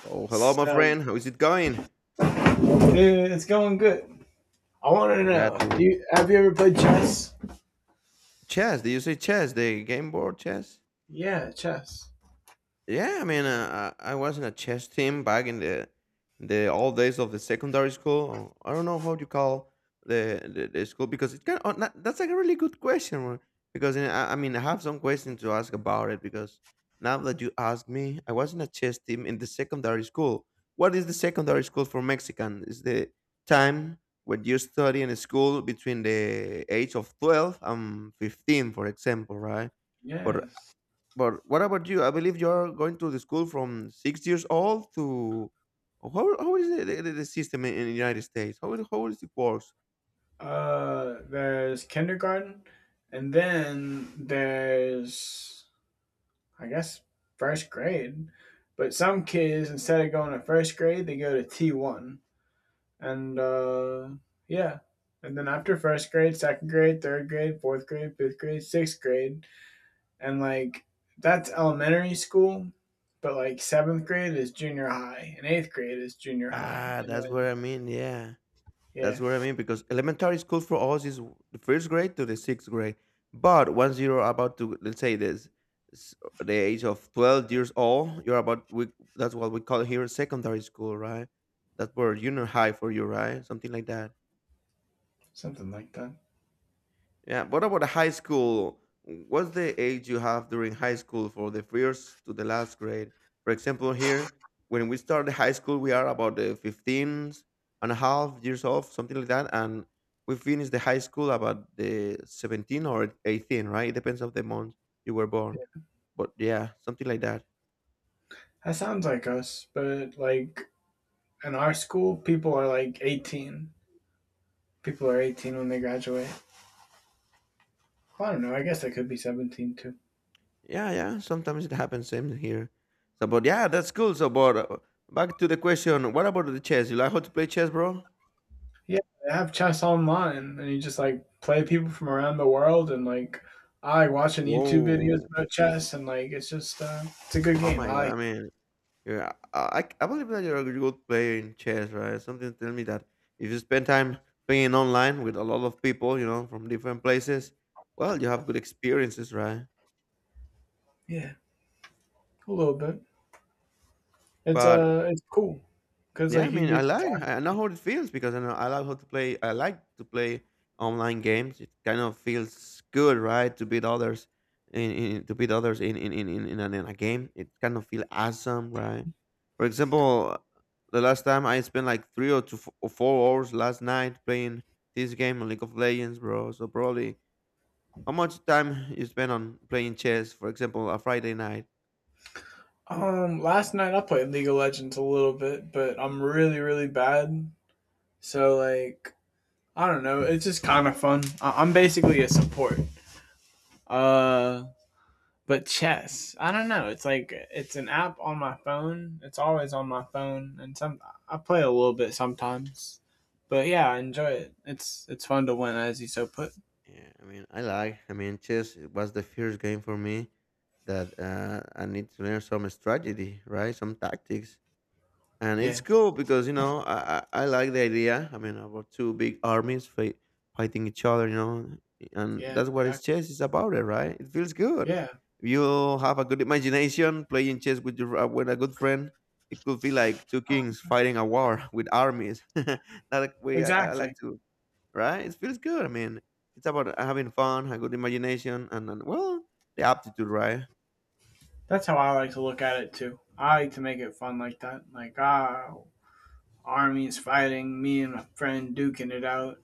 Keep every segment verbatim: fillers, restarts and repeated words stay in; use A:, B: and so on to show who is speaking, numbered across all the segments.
A: So, hello, my
B: So,
A: friend. How is it going?
B: dude, it's going good. I want to
A: I'm
B: know.
A: glad to hear.
B: Do you, have you ever played chess?
A: Chess? Did you say chess? The game board chess?
B: Yeah, chess.
A: Yeah, I mean, uh, I I was in a chess team back in the the old days of the secondary school. I don't know how you call the the, the school because it's kind of not, that's like a really good question uh, Because uh, I, I mean I have some questions to ask about it because now that you ask me, I was in a chess team in the secondary school. What is the secondary school for Mexican? Is the time when you study in school between the age of twelve and fifteen, for example, right? But
B: Yes.
A: but what about you? I believe you're going to the school from six years old to how, how is the, the, the system in, in the United States? How, it- how is it works?
B: Uh, there's kindergarten, and then there's, I guess, first grade. But some kids, instead of going to first grade, they go to T one. And, uh, yeah. And then after first grade, second grade, third grade, fourth grade, fifth grade, sixth grade, and like that's elementary school, but like seventh grade is junior high, and eighth grade is junior high,
A: Ah,
B: and
A: that's what
B: then
A: I mean. Yeah, that's
B: yeah,
A: what I mean because elementary school for us is the first grade to the sixth grade. But once you're about to, let's say this s- the age of twelve years old you're about, we that's what we call here secondary school, right? That's where junior high for you, right? Something like that.
B: something like that.
A: Yeah. What about high school? What's the age you have during high school for the first to the last grade? For example, here, when we start the high school, we are about the fifteen and a half years old, something like that. And we finish the high school about the seventeen or eighteen, right? It depends on the month you were born. But yeah, something like that.
B: That sounds like us, but like in our school, people are like eighteen. People are eighteen when they graduate. Well, I don't know. I guess they could be seventeen too.
A: Yeah, yeah. Sometimes it happens. Same here. So, but yeah, that's cool. So, but uh, back to the question. What about the chess? You like how to play chess, bro?
B: Yeah, they have chess online, and you just like play people from around the world, and like I like watching YouTube videos
A: Whoa.
B: about chess, and like it's just uh, it's a good
A: Oh
B: game. I
A: my god!
B: like,
A: I mean, yeah, I I believe that you're a good player in chess, right? Something tell me that if you spend time playing online with a lot of people, you know, from different places, well, you have good experiences, right?
B: it. Yeah, a little bit. It's
A: But
B: uh, it's cool because
A: yeah, I
B: like you
A: mean, I
B: get to
A: like
B: talk.
A: I know how it feels because I know I like how to play. I like to play online games. It kind of feels good, right, to beat others in, in to beat others in in in in, in, a, in a game. It kind of feel awesome, right? For example, the last time I spent like three or two or four hours last night playing this game on League of Legends, bro. So probably how much time you spend on playing chess? For example, a Friday night.
B: Um, last night I played League of Legends a little bit, but I'm really really bad. So like I don't know, it's just kind of fun. I- I'm basically a support. Uh, but chess, I don't know. It's like it's an app on my phone. It's always on my phone, and some I play a little bit sometimes. But yeah, I enjoy it. It's it's fun to win, as you so put.
A: Yeah, I mean, I like. I mean, chess was the first game for me that uh, I need to learn some strategy, right? Some tactics, and it's
B: Yeah,
A: cool because you know I, I, I like the idea. I mean, about two big armies fight, fighting each other, you know, and
B: yeah,
A: that's what is
B: exactly.
A: chess is about, it right? It feels good.
B: Yeah,
A: If you have a good imagination playing chess with your uh, with a good friend, it could feel like two kings fighting a war with armies. That way, I, I like
B: exactly.
A: to, right? It feels good. I mean, it's about having fun, a good imagination, and, and well, the aptitude, right?
B: That's how I like to look at it too. I like to make it fun like that. Like, ah, army's fighting, me and my friend duking it out,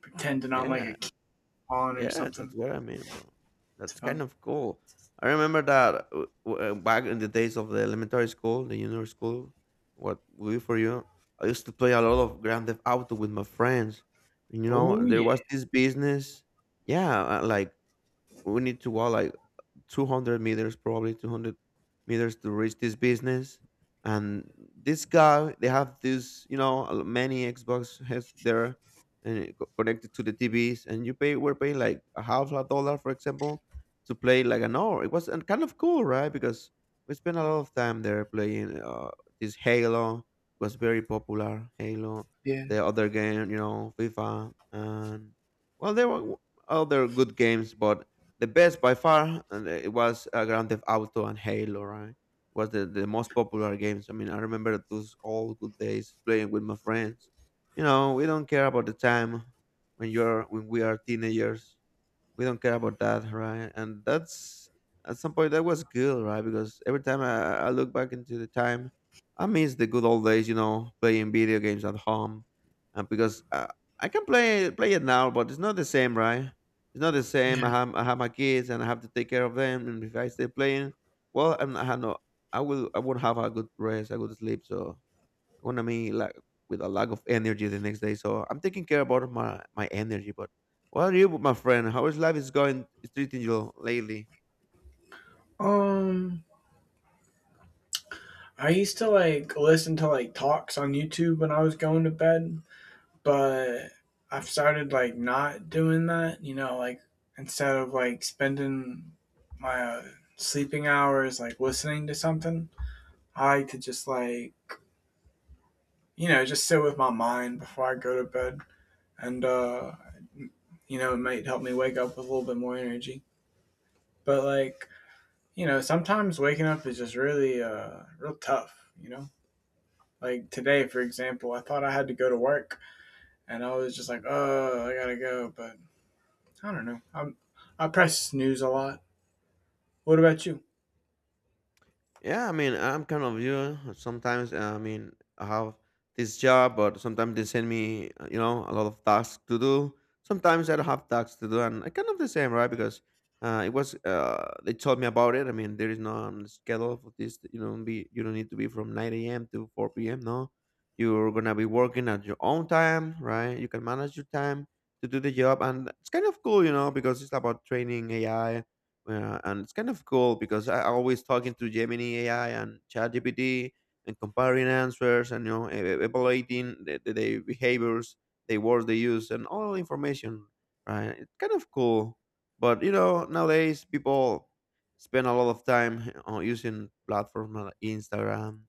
B: pretending I'm like a
A: Yeah,
B: kid pawn or
A: yeah, that's
B: something.
A: what I mean, bro.
B: It's
A: That's
B: fun.
A: kind of cool. I remember that uh, w- uh, back in the days of the elementary school, the junior school, what we for you, I used to play a lot of Grand Theft Auto with my friends. And, you know,
B: Oh
A: there
B: yeah,
A: was this business. Yeah, uh, like we need to go like two hundred meters, probably two hundred meters to reach this business. And this guy, they have this, you know, a- many Xbox has there and it co- connected to the T Vs. And you pay, we're paying like a half a dollar, for example, to play like an hour. It was and kind of cool, right? Because we spent a lot of time there playing uh, this Halo was very popular. Halo,
B: yeah,
A: the other game, you know, FIFA, and well, there were other good games, but the best by far and it was uh, Grand Theft Auto and Halo, right? Was the, the most popular games. I mean, I remember those all good days playing with my friends. You know, we don't care about the time when you're when we are teenagers, we don't care about that, right? And that's at some point that was good, right? Because every time I, I look back into the time, I miss the good old days, you know, playing video games at home, and because uh, I can play play it now, but it's not the same, right? It's not the
B: yeah.
A: same. I have I have my kids and I have to take care of them, and if I stay playing, well, I'm, I have no, I will I won't have a good rest, a good sleep, so gonna be like with a lack of energy the next day. So I'm taking care about my my energy. But what are you, my friend? How is life is going? Is treating you lately?
B: Um, I used to like listen to like talks on YouTube when I was going to bed, but I've started like not doing that. You know, like instead of like spending my uh, sleeping hours like listening to something, I like to just like you know, just sit with my mind before I go to bed. And, uh, you know, it might help me wake up with a little bit more energy. But, like, you know, sometimes waking up is just really, uh, real tough, you know? Like today, for example, I thought I had to go to work and I was just like, oh, I gotta go. But I don't know. I'm, I press snooze a lot. What about you?
A: Yeah, I mean, I'm kind of you. uh, Sometimes uh, I mean, I have this job, but sometimes they send me, uh, you know, a lot of tasks to do. Sometimes I don't have tasks to do, and I kind of the same, right? Because uh, it was uh, they told me about it. I mean, there is no um, schedule for this. You don't be, you don't need to be from nine a m to four p m. No, you're gonna be working at your own time, right? You can manage your time to do the job, and it's kind of cool, you know, because it's about training A I, uh, and it's kind of cool because I I always talking to Gemini A I and ChatGPT and comparing answers and you know e- e- evaluating the, the, the behaviors, the words they use, and all the information. Right, it's kind of cool. But you know nowadays people spend a lot of time on using platforms like Instagram,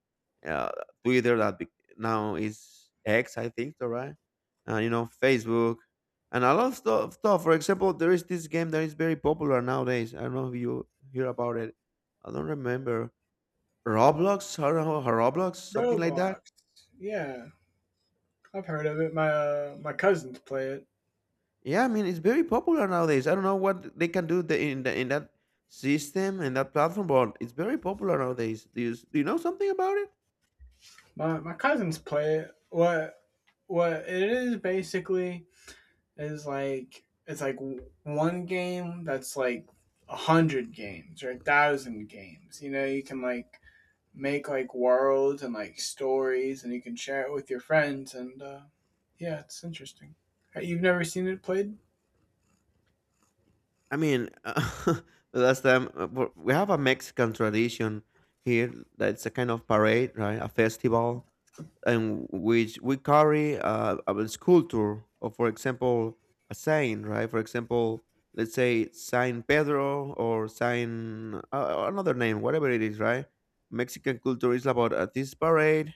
A: uh, Twitter that be- now is X, I think, so, right? Uh, you know, Facebook and a lot of stuff, stuff. For example, there is this game that is very popular nowadays. I don't know if you hear about it. I don't remember. Roblox, I don't know, Roblox, something like
B: Roblox.
A: that.
B: Yeah, I've heard of it. My, uh, my cousins play it.
A: Yeah, I mean it's very popular nowadays. I don't know what they can do the, in the, in that system and that platform, but it's very popular nowadays. Do you s- do you know something about it?
B: My, my cousins play it. What, what it is basically is like it's like one game that's like a hundred games or a thousand games. You know, you can like make like worlds and like stories, and you can share it with your friends. And uh, Yeah, it's interesting. You've never seen it played?
A: I mean, uh, the last time uh, w- we have a Mexican tradition here that's a kind of parade, right? A festival, and which we carry uh, a sculpture or, for example, a saint, right? For example, let's say Saint Pedro or Saint uh, another name, whatever it is, right? Mexican culture is about uh, this parade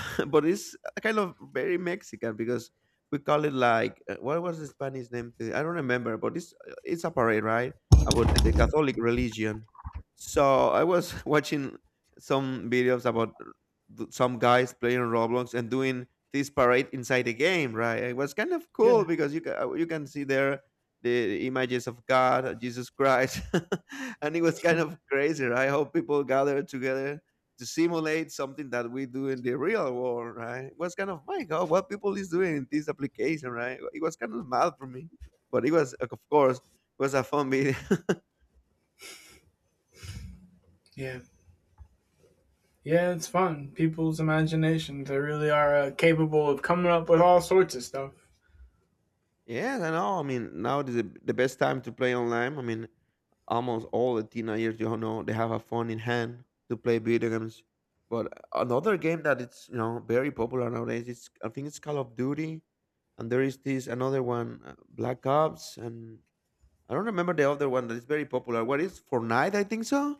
A: but it's kind of very Mexican because we call it like uh, what was the Spanish name? to- I don't remember, but it's uh, it's a parade, right? About the Catholic religion. So I was watching some videos about th- some guys playing Roblox and doing this parade inside the game, right? It was kind of cool
B: Yeah,
A: because you can you can see there the images of God, Jesus Christ, and it was kind of crazy, right? How people gathered together to simulate something that we do in the real world, right? It was kind of my God, what people is doing in this application, right? It was kind of mad for me, but it was, of course, it was a fun video.
B: yeah, yeah. It's fun. People's imaginations—they really are uh, capable of coming up with all sorts of stuff.
A: Yes, I know. I mean, now is the, the best time to play online. I mean, almost all the teenagers, you know, they have a phone in hand to play video games. But another game that it's you know very popular nowadays is, I think, it's Call of Duty, and there is this another one, uh, Black Ops, and I don't remember the other one that is very popular. What is Fortnite? I think so.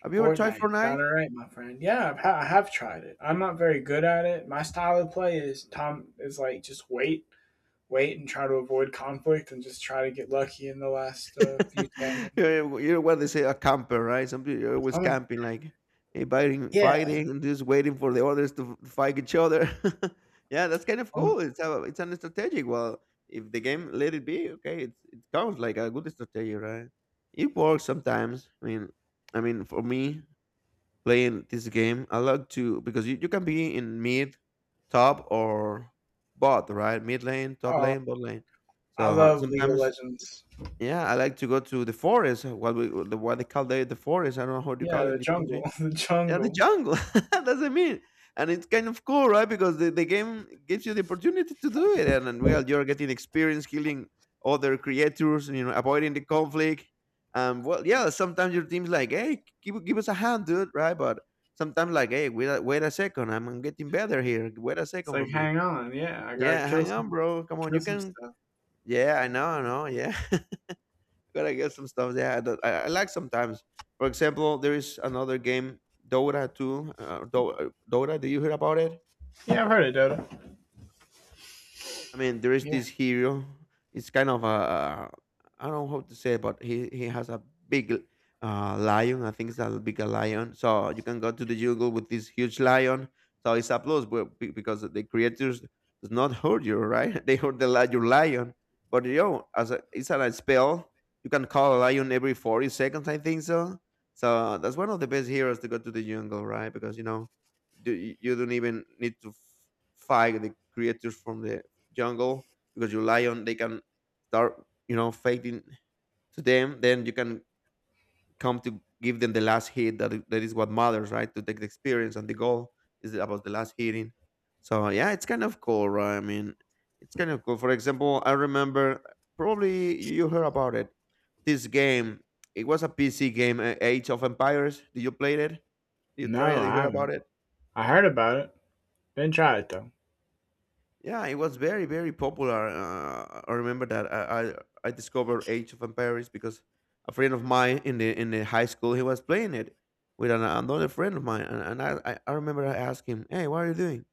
A: Have you ever tried
B: Fortnite. Got it
A: Fortnite?
B: right, my friend. Yeah, I've, ha- I have tried it. I'm not very good at it. My style of play is Tom is like just wait wait and try to avoid conflict and just try to get lucky in the last uh, few standing.
A: you you know what they say, a camper, right? Some people are always
B: I'm like,
A: camping, like hey, fighting,
B: yeah,
A: fighting, and just waiting for the others to f- fight each other. Yeah, that's kind of
B: I'm,
A: cool. It's a, it's an strategic. Well, if the game let it be, okay, it's, it counts like a good strategy, right? It works sometimes. I mean, I mean, for me, playing this game. I like to because you, you can be in mid, top, or bot, right? Mid lane, top
B: uh,
A: lane, bot lane.
B: I
A: So uh,
B: love League of
A: sometimes,
B: Legends.
A: yeah, I like to go to the forest. What we what they call the the forest. I don't know how you
B: Yeah,
A: call it
B: the
A: in the
B: jungle,
A: country.
B: the
A: Yeah, the
B: jungle.
A: jungle. That's what I mean. And it's kind of cool, right? Because the, the game gives you the opportunity to do it. And, and well, you're getting experience killing other creatures, you know, avoiding the conflict. Um, well, yeah, sometimes your team's like, hey, give, give us a hand, dude, right? But sometimes, like, hey, wait a, wait a second, I'm getting better here. Wait a
B: It's
A: second for
B: like,
A: me.
B: hang on, yeah, I gotta
A: Yeah,
B: kill
A: hang on,
B: some,
A: bro. Come on,
B: kill
A: you
B: some
A: can.
B: stuff.
A: Yeah, I know, I know. Yeah, gotta get some stuff there. That I, I like sometimes. For example, there is another game, Dota two. Uh, Do- uh, Dota, do you hear about it?
B: Yeah, I've heard of Dota.
A: I mean, there is
B: Yeah.
A: this hero. It's kind of a, I don't know how to say it, but he he has a big, uh, lion. I think it's a big lion. So you can go to the jungle with this huge lion. So it's a plus, but be- because the creatures does not hurt you, right? They hurt the li- your lion. But you know, as a, it's a spell, you can call a lion every forty seconds, I think so. So that's one of the best heroes to go to the jungle, right? Because you know, do, you you don't even need to f- fight the creatures from the jungle, because you lion they can start, you know, fighting to them. Then you can come to give them the last hit. That that is what matters, right? To take the experience. And the goal is about the last hitting. So yeah, it's kind of cool, right? I mean, it's kind of cool. For example, I remember, probably you heard about it, this game, it was a PC game, uh, Age of Empires. Did you play it? Did you try
B: No,
A: it? Did
B: I
A: you hear about
B: haven't.
A: it?
B: I heard about it. Didn't try it though.
A: Yeah, it was very, very popular. Uh, I remember that I, I I discovered Age of Empires because a friend of mine in the in the high school, he was playing it with an, another friend of mine, and, and I I I remember I asked him, "Hey, what are you doing?"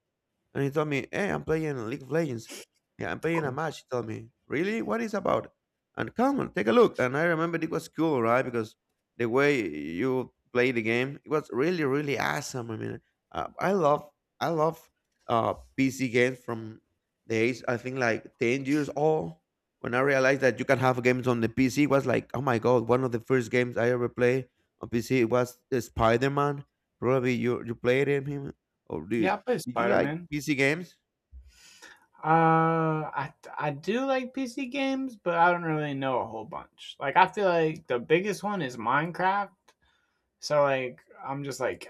A: And he told me, "Hey, I'm playing League of Legends. Yeah, I'm playing a
B: Cool.
A: match." He told me, "Really? What is about? And come on, take a look." And I remember it was cool, right? Because the way you play the game, it was really, really awesome. I mean, uh, I love, I love, uh, P C games from the age, I think like ten years old. When I realized that you can have games on the P C, it was like, oh my God. One of the first games I ever played on P C was Spider Man. Probably you, you played him him or
B: Yeah,
A: did,
B: I play
A: did you
B: Spider
A: like
B: Man.
A: P C games?
B: Uh, I I do like P C games, but I don't really know a whole bunch. Like I feel like the biggest one is Minecraft. So like I'm just like,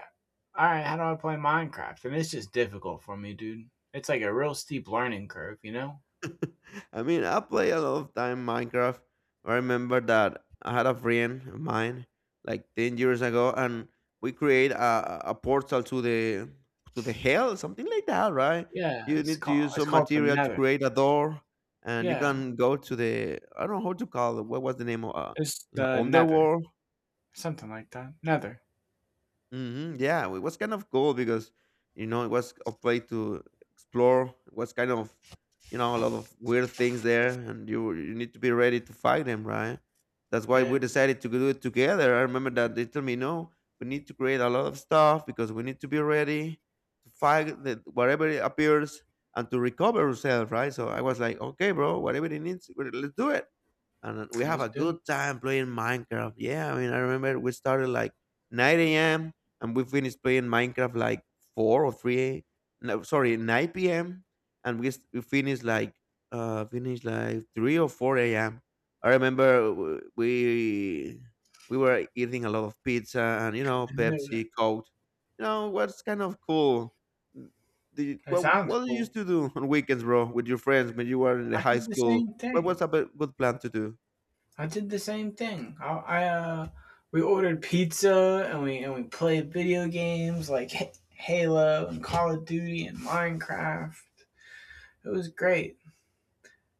B: all right, how do I play Minecraft? And it's just difficult for me, dude. It's like a real steep learning curve, you know?
A: I mean, I play a lot of time Minecraft. I remember that I had a friend of mine like ten years ago, and we create a, a portal to the, to the hell, something like that, right?
B: Yeah,
A: You
B: it's
A: need to
B: called
A: use
B: it's
A: some
B: called the
A: material to
B: Nether.
A: create a door, and you
B: Yeah,
A: can go to the, I don't know how to call it. What was the name of uh,
B: it's
A: the
B: the Nether,
A: underworld?
B: something like that. Nether.
A: Hmm. Yeah, it was kind of cool because you know it was a place to explore. It was kind of, you know, a lot of weird things there, and you you need to be ready to fight them, right? That's why we
B: Yeah,
A: decided to do it together. I remember that they told me, "No, we need to create a lot of stuff because we need to be ready to fight the, whatever it appears, and to recover ourselves," right? So I was like, okay, bro, whatever it needs, we- let's do it. And we have
B: let's
A: a
B: do.
A: good time playing Minecraft. Yeah, I mean, I remember we started like nine a m and we finished playing Minecraft like four or three a- no, sorry, nine p m And we, s- we finished like uh finished like three or four a m. I remember w- we we were eating a lot of pizza and, you know,
B: I knew
A: Pepsi,
B: it.
A: Coke. You know what's kind of cool. Do you,
B: It
A: what
B: sounds
A: what do you used
B: cool.
A: to do on weekends, bro, with your friends when you were in the
B: I
A: high
B: did the
A: school?
B: same
A: What was
B: thing.
A: a b- good plan to do?
B: I did the same thing. I, I uh, We ordered pizza and we and we played video games like Ha- Halo and Call of Duty and Minecraft. It was great.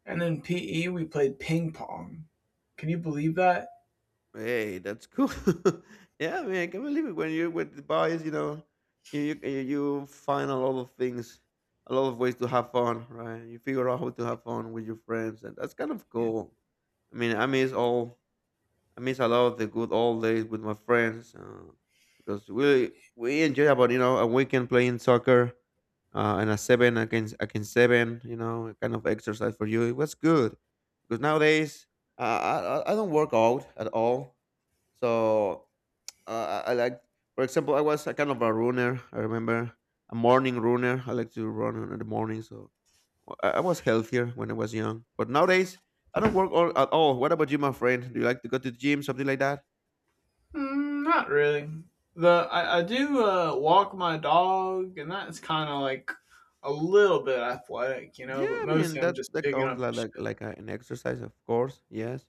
B: And in P E, we played ping pong. Can you believe that?
A: Hey, that's cool. Yeah, I mean, I can not believe it. When you're with the boys, you know, you, you you you find a lot of things, a lot of ways to have fun, right? You figure out how to have fun with your friends, and that's kind of cool. I mean, I miss all I miss a lot the good old days with my friends, uh, because we we enjoy about, you know, a weekend playing soccer, uh, and a seven against against seven, you know, a kind of exercise for you. It was good because nowadays, uh, I I I don't work out at all. So uh, I I like, for example, I was a kind of a runner. I remember, a morning runner. I like to run in the morning. So well, I, I was healthier when I was young. But nowadays I don't work out at all. What about you, my friend? Do you like to go to the gym, something like that?
B: Mm, not really. The I, I do uh, walk my dog, and that's kind of like a little bit athletic, you know.
A: Yeah,
B: But
A: I mean
B: mostly, I'm
A: that
B: just
A: that
B: picking
A: counts
B: up
A: like
B: the
A: like
B: shit.
A: like a- an exercise, of course. Yes,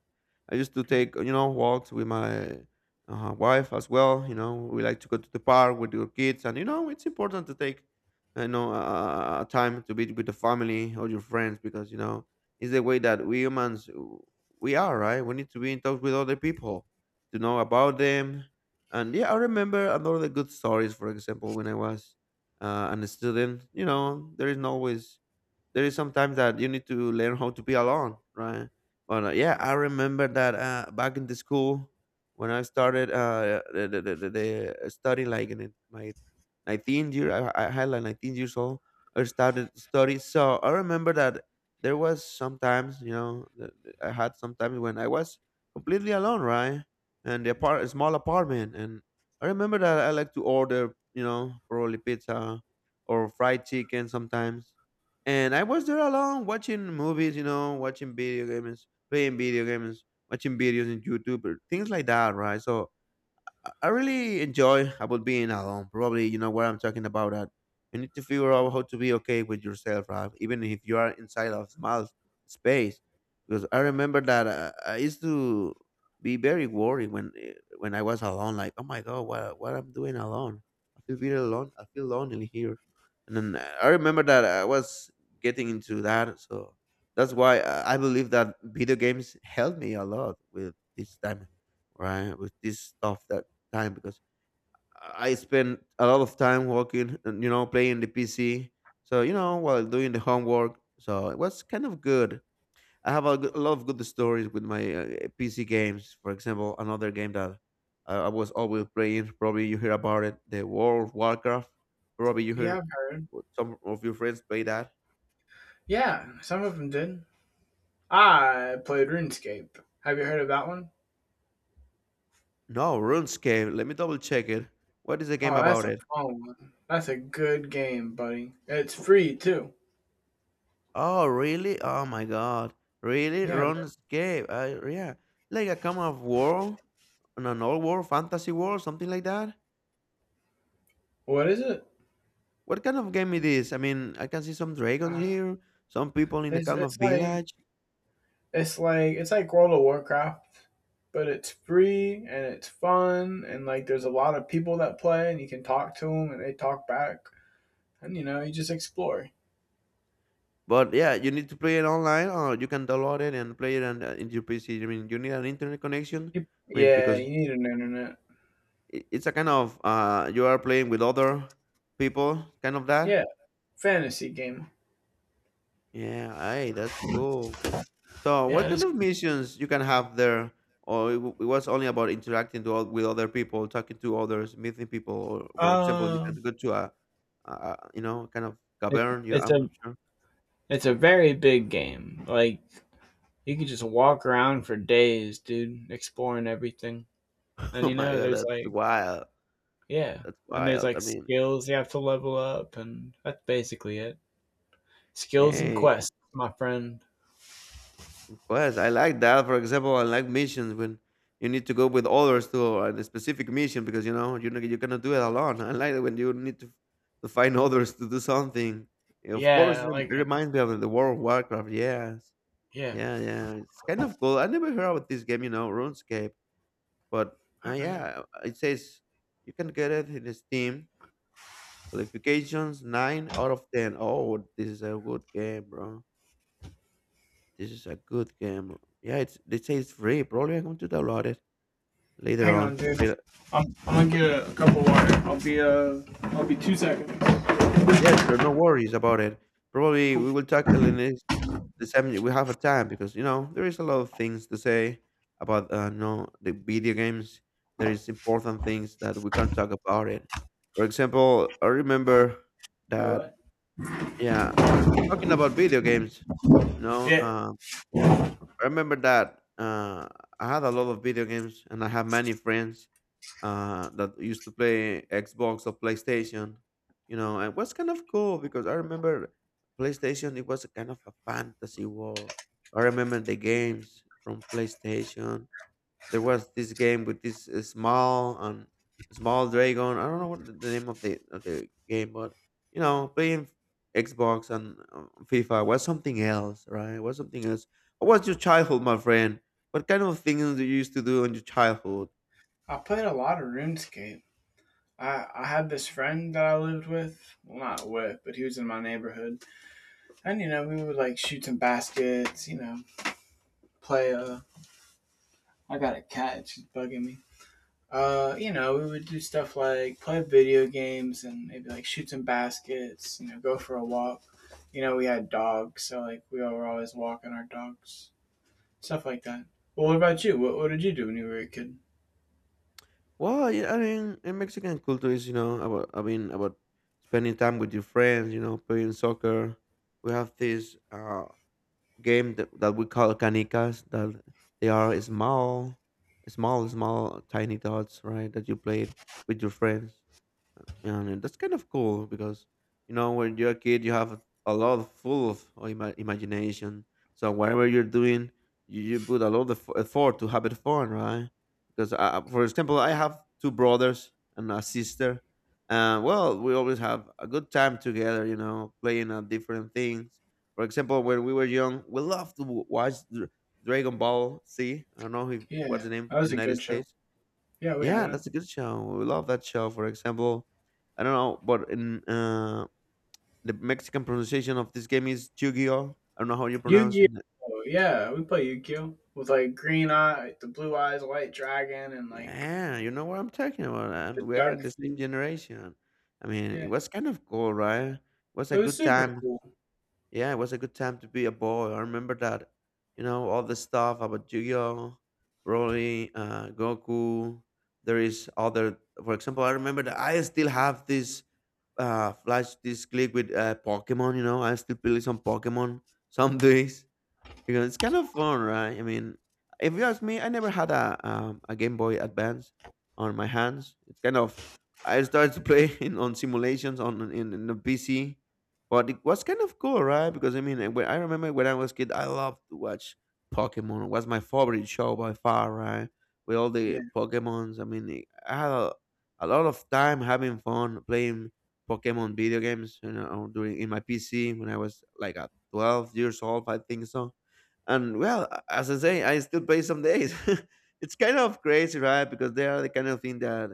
A: I used to
B: Yeah,
A: take, you know, walks with my, uh, wife as well. You know, we like to go to the park with your kids, and you know it's important to take, you know, uh, uh, time to be with the family or your friends, because you know it's the way that we humans w- we are, right? We need to be in touch with other people to know about them. And yeah, I remember another good stories. For example, when I was uh, an student, you know, there is no always there is sometimes that you need to learn how to be alone, right? But uh, yeah, I remember that uh, back in the school when I started uh, the, the, the, the the study, like in it- my nineteenth year, I, I had like nineteen years old, I started study. So I remember that there was sometimes, you know, that I had sometimes when I was completely alone, right? And the, apart- small apartment. And I remember that I like to order, you know, probably pizza or fried chicken sometimes, and I was there alone watching movies, you know, watching video games, playing video games, watching videos in YouTube, or things like that, right? So I I really enjoy about being alone. Probably you know what I'm talking about. That you need to figure out how to be okay with yourself, right? Even if you are inside of small space. Because I remember that uh, I used to be very worried when eh, when I was alone. Like, oh my god, what what I'm doing alone? I feel very alone. I feel lonely here. And then uh, I remember that I was getting into that. So that's why uh, I believe that video games helped me a lot with this time, right, with this stuff, that time, because I spend a lot of time working, and, you know, playing the P C. So you know, while doing the homework, so it was kind of good. I have a, g- a lot of good stories with my, uh, P C games. For example, another game that I, I was always playing. Probably you hear about it, the World of Warcraft. Probably you
B: yeah,
A: hear
B: I've heard.
A: some of your friends play that.
B: Yeah, some of them did. I played RuneScape. Have you heard of that one?
A: No, RuneScape. Let me double check it. What is the game
B: Oh, that's
A: about?
B: a fun one. That's a good game, buddy. It's free too.
A: Oh, really? Oh my God. Really?
B: Yeah, man.
A: RuneScape. Uh, yeah. Like a kind of world, an an old world, fantasy world, something like that.
B: What is it?
A: What kind of game it is? I mean, I can see some dragons
B: Uh,
A: here, some people in a
B: it's
A: kind of
B: It's like
A: village.
B: It's like it's like World of Warcraft, but it's free and it's fun and like there's a lot of people that play and you can talk to them and they talk back and you know you just explore.
A: But yeah, you need to play it online, or you can download it and play it on, uh, in your P C. I mean, you need an internet connection.
B: You,
A: I mean,
B: yeah,
A: because
B: you need an internet.
A: i- it's a kind of, uh, you are playing with other people, kind of
B: Yeah,
A: that.
B: fantasy game.
A: Yeah, hey, that's cool. So,
B: Yeah,
A: what
B: it
A: kind
B: is.
A: of missions you can have there, or it, w- it was only about interacting to, all- with other people, talking to others, meeting people, or for example, you
B: Uh,
A: can go to a, uh, you know, kind of
B: it,
A: cavern. You,
B: it's a
A: I'm not sure.
B: it's a very big game. Like you could just walk around for days, dude, exploring everything. And
A: Oh
B: you
A: my
B: know,
A: god,
B: there's
A: that's
B: like
A: wild.
B: yeah,
A: That's
B: and there's
A: wild. I
B: like
A: mean,
B: skills you have to level up, and that's basically it. Skills and
A: hey,
B: quests, my friend.
A: of course, I like that. For example, I like missions when you need to go with others to a specific mission, because you know you you cannot do it alone. I like it when you need to, to find others to do something. Of course,
B: Yeah,
A: it
B: I like
A: it
B: it.
A: reminds me of the World of Warcraft. Yes,
B: Yeah.
A: yeah, yeah. It's kind of cool. I never heard about this game, you know, RuneScape, but uh,
B: Oh yeah.
A: yeah, it says you can get it in Steam. Qualifications nine out of ten. Oh, this is a good game, bro. This is a good game. Yeah, it's they say it's free. Probably I'm going to download it later
B: Hang on,
A: on to
B: dude.
A: play.
B: I'm, I'm gonna get
A: But
B: a, a cup of water. I'll be uh I'll be two seconds.
A: yeah, sure, no worries about it. Probably
B: Cool.
A: we will talk in the next the time we have a time, because you know there is a lot of things to say about uh no the video games. There is important things that we can talk about it. For example, I
B: All right.
A: remember
B: Wait,
A: that
B: what?
A: yeah, talking about video games, you know,
B: Yeah.
A: um, I remember that uh, I had a lot of video games, and I have many friends uh, that used to play Xbox or PlayStation, you know, and it was kind of cool because I remember PlayStation, it was a kind of a fantasy war. I remember the games from PlayStation. There was this game with this uh, small and small dragon. I don't know what the the name of the of the game, but you know, playing Xbox and uh, FIFA was something else, right? Was something else. What was your childhood, my friend? What kind of things you used to do in your childhood?
B: I played a lot of RuneScape. I I had this friend that I lived with. Well, not with, but he was in my neighborhood. And you know we would like shoot some baskets. You know play uh. I got a cat. She's bugging me. Uh, you know, we would do stuff like play video games and maybe like shoot some baskets, you know, go for a walk. You know, we had dogs, so like we were always walking our dogs, stuff like that. Well, what about you? What, what did you do when you were a kid?
A: Well, yeah, I mean, in Mexican culture is, you know, about I mean about spending time with your friends, you know, playing soccer. We have this uh game that, that we call canicas, that they are small small, small tiny dots, right, that you played with your friends, and that's kind of cool because you know when you're a kid you have a lot of full of uh, ima- imagination, so whatever you're doing you, you put a lot of effo- effort to have it fun, right, because uh, for example I have two brothers and a sister, and well we always have a good time together, you know, playing at different things. For example, when we were young we loved to w- watch Dr- Dragon Ball Z. I don't know if,
B: Yeah,
A: what's the name
B: that
A: in the
B: was a
A: United
B: good show.
A: States.
B: Yeah, we had
A: Yeah,
B: it.
A: that's a good show. We love that show. For example, I don't know, but in uh, the Mexican pronunciation of this game is Yu-Gi-Oh. I don't know how you pronounce it.
B: Yu-Gi-Oh! Yeah, we play Yu-Gi-Oh! With like green eye, like, the blue eyes, white dragon, and like
A: Yeah, you know what I'm talking about,
B: the
A: and we are
B: dark
A: in the same
B: feet.
A: generation. I mean,
B: Yeah,
A: it was kind of cool, right? It was
B: it
A: a
B: was
A: good
B: super
A: time.
B: cool.
A: Yeah, it was a good time to be a boy. I remember that. You know, all the stuff about Yu-Gi-Oh, Broly, uh, Goku. There is other, for example, I remember that I still have this uh, flash this click with uh, Pokemon. You know, I still play some Pokemon some days. Because it's kind of fun, right? I mean, if you ask me, I never had a um, a Game Boy Advance on my hands. It's kind of I started to play in, on simulations on in, in the P C, but it was kind of cool, right? Because I mean, I- when, I remember when I was kid, I loved to watch Pokemon. It was my favorite show by far, right? With all the
B: Yeah.
A: Pokemons, I mean, I had a, a lot of time having fun playing Pokemon video games, you know, during in my P C when I was like at twelve years old, I think so. And well, as I say, I still play some days. It's kind of crazy, right? Because they are the kind of thing that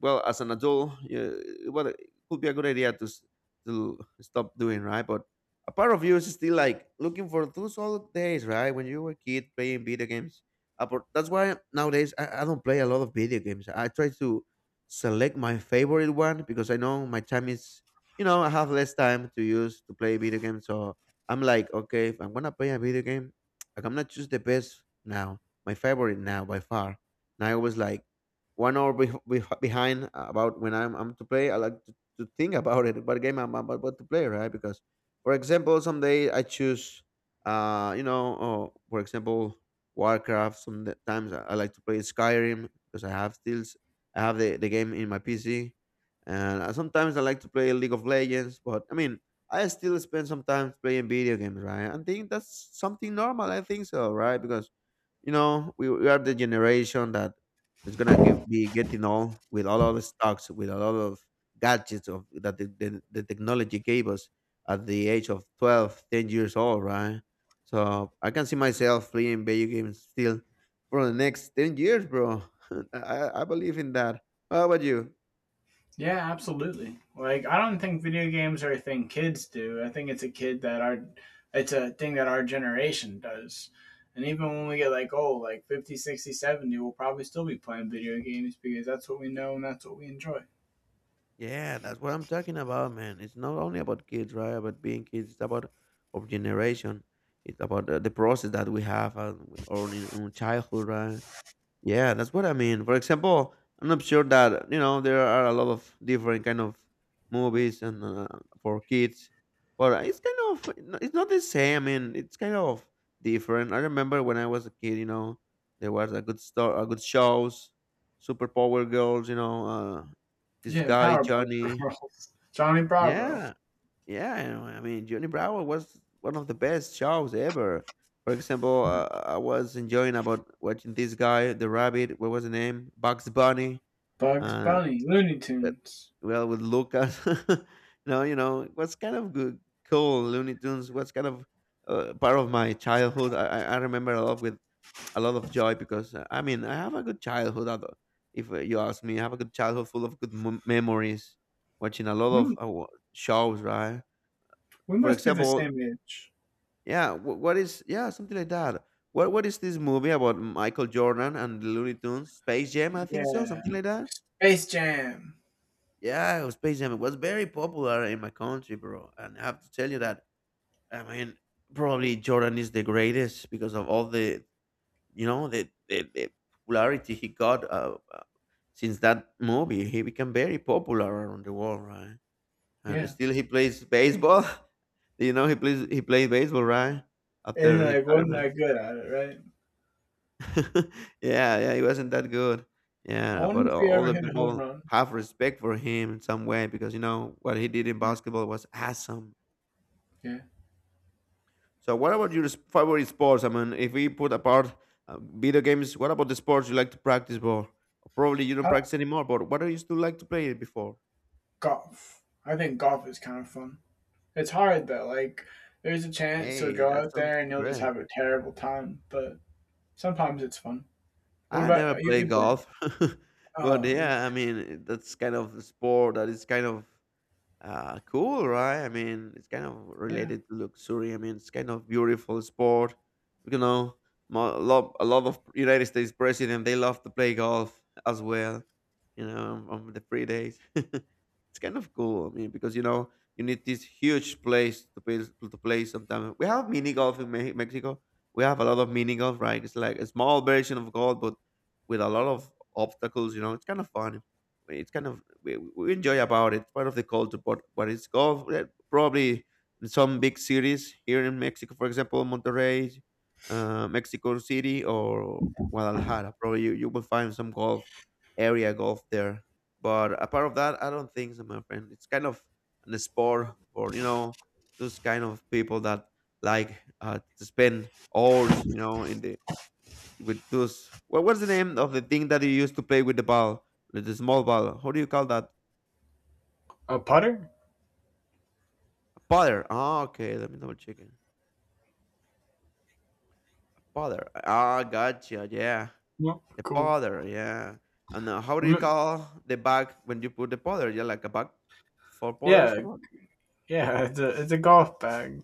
A: well as an adult, yeah, well it could be a good idea to s- to stop doing, right, but a part of you is still like looking for those old days, right, when you were a kid playing video games. Uh, but that's why nowadays I, I don't play a lot of video games. I try to select my favorite one because I know my time is, you know, I have less time to use to play video games, so I'm like okay if I'm gonna play a video game I'm gonna choose the best now, my favorite now by far. And I always like one hour bef- bef- behind uh, about when I'm, I'm to play. I like to, to think about it, what game I'm about what to play, right? Because, for example, someday I choose, uh, you know, oh, for example, Warcraft. Sometimes I, I like to play Skyrim because I have still, s- I have the, the game in my P C. And uh, sometimes I like to play League of Legends, but I mean, I still spend some time playing video games, right? I think that's something normal. I think so, right? Because you know we, we are the generation that it's gonna get, be getting all with a lot of stocks, with a lot of gadgets of that the, the, the technology gave us at the age of twelve, ten years old, right? So I can see myself playing video games still for the next ten years, bro. I, I believe in that. How about you?
B: Yeah, absolutely. Like I don't think video games are a thing kids do. I think it's a kid that our it's a thing that our generation does. And even when we get like oh, like fifty, sixty, seventy, we'll probably still be playing video games because that's what we know and that's what we enjoy.
A: Yeah, that's what I'm talking about, man. It's not only about kids, right? About being kids, it's about our generation. It's about the, the process that we have uh, or in, in childhood, right? Yeah, that's what I mean. For example, I'm not sure that you know there are a lot of different kind of movies and uh, for kids, but it's kind of no- it's not the same. I mean, it's kind of different. I remember when I was a kid, you know, there was a good store, a good shows, Super Power Girls, you know, uh, this
B: Yeah,
A: guy
B: Powerpuff
A: Johnny.
B: Girls, Johnny Bravo,
A: Yeah, yeah, you know, I mean, Johnny Bravo was one of the best shows ever. For example, uh, I was enjoying about watching this guy, the rabbit. What was the name? Bugs Bunny.
B: Bugs
A: Uh,
B: Bunny, Looney
A: but
B: Tunes.
A: well, with Lucas, no, you know, it was kind of good, cool. Looney Tunes was kind of uh, part of my childhood. I, I I remember a lot with a lot of joy because uh, I mean, I have a good childhood. Although, if uh, you ask me, I have a good childhood full of good mem- memories, watching a lot of
B: We,
A: uh, wa- shows, right?
B: we
A: For
B: must be the
A: example,
B: same age.
A: yeah, wh- what is yeah something like that. What what is this movie about Michael Jordan and the Looney Tunes? Space Jam, I think so,
B: Yeah.
A: something like that.
B: Space Jam.
A: Yeah, Space Jam. It was very popular in my country, bro. And I have to tell you that I mean, probably Jordan is the greatest because of all the you know the the, the popularity he got uh, uh, since that movie. He became very popular around the world, right? And
B: Yeah.
A: still he plays baseball. You know, he plays he played baseball, right?
B: And he
A: After
B: like wasn't
A: retirement.
B: that good at it, right?
A: Yeah, yeah, he wasn't that good.
B: I
A: Yeah,
B: wonder
A: but
B: if
A: a-
B: he
A: all
B: ever
A: the
B: hit a home
A: people
B: run.
A: have respect for him in some way because you know what he did in
B: Yeah.
A: basketball was awesome.
B: Yeah.
A: So, what about your s- favorite sports? I mean, if we put apart uh, video games, what about the sports you like to practice for? Probably you
B: I
A: don't
B: like
A: practice anymore, but what do you still like to play before?
B: golf. I think golf is kind of fun. It's hard though. Like there's a chance to
A: Hey,
B: go
A: that
B: out
A: sounds
B: there and you'll just
A: great.
B: have a terrible time, but sometimes it's fun. What
A: I
B: about
A: never
B: you?
A: play
B: You play?
A: golf, but
B: Oh, you,
A: yeah, I mean that's kind of a sport that is kind of Uh, cool, right? I mean, it's kind of
B: yeah.
A: related to luxury. I mean, it's kind of beautiful sport. You know, mo- a lot, a lot of United States president they love to play golf as well. You know, on the free days. It's kind of cool. I mean, because you know you need this huge place to play to play. Sometimes we have mini golf in Me- Mexico. We have a lot of mini golf, right? It's like a small version of golf, but with a lot of obstacles. You know, it's kind of fun. It's kind of we, we enjoy about it. It's part of the culture, but but it's golf. Eh, probably in some big cities here in Mexico, for example, Monterrey, uh, Mexico City, or Guadalajara. Probably you, you will find some golf area golf there, but apart of that, I don't think so, my friend. It's kind of an sport for you know those kind of people that like uh, to spend hours, you know, in the with those. What what's the name of the thing that you used to play with the ball, with the small ball? How do you call that?
B: A putter?
A: A putter. Ah, okay. Let me double check it. Putter. Ah, gotcha. Yeah,
B: No,
A: the
B: cool.
A: putter. Yeah. And uh, how do you
B: Rem-
A: call the bag when you put the powder? Yeah, like a bag for powder or
B: yeah,
A: something?
B: yeah. It's a it's a golf bag.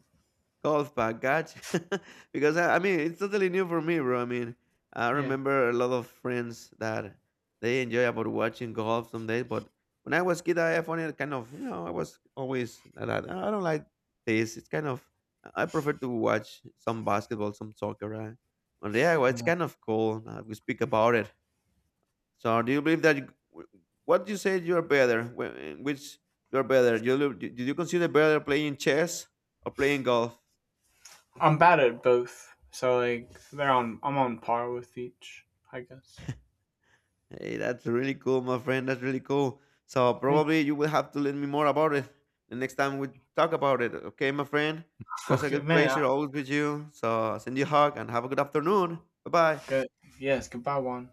A: Golf bag, gotcha. Because I, I mean, it's totally new for me, bro. I mean, I
B: Yeah,
A: remember a lot of friends that they enjoy about watching golf some days, but when I was kid, I found it kind of, you know, I was always like that. I don't like this. It's kind of, I prefer to watch some basketball, some soccer, right? But yeah, well, it's
B: yeah.
A: kind of cool. Uh, we speak about it. So, do you believe that? You, wh- what you said you're better? wh- Which you're better? You, lo- did you consider better playing chess or playing golf?
B: I'm bad at both, so like they're on. I'm on par with each, I guess.
A: Hey, that's really cool, my friend. That's really cool. So
B: Thank you.
A: probably you will have to let me more about it the next time we talk about it. Okay, my friend. It was a
B: Okay,
A: good
B: man. I,
A: pleasure always with you. So I send you a hug and have a good afternoon. Bye bye.
B: good. Yes. Goodbye, Juan.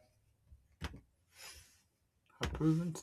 B: Approved.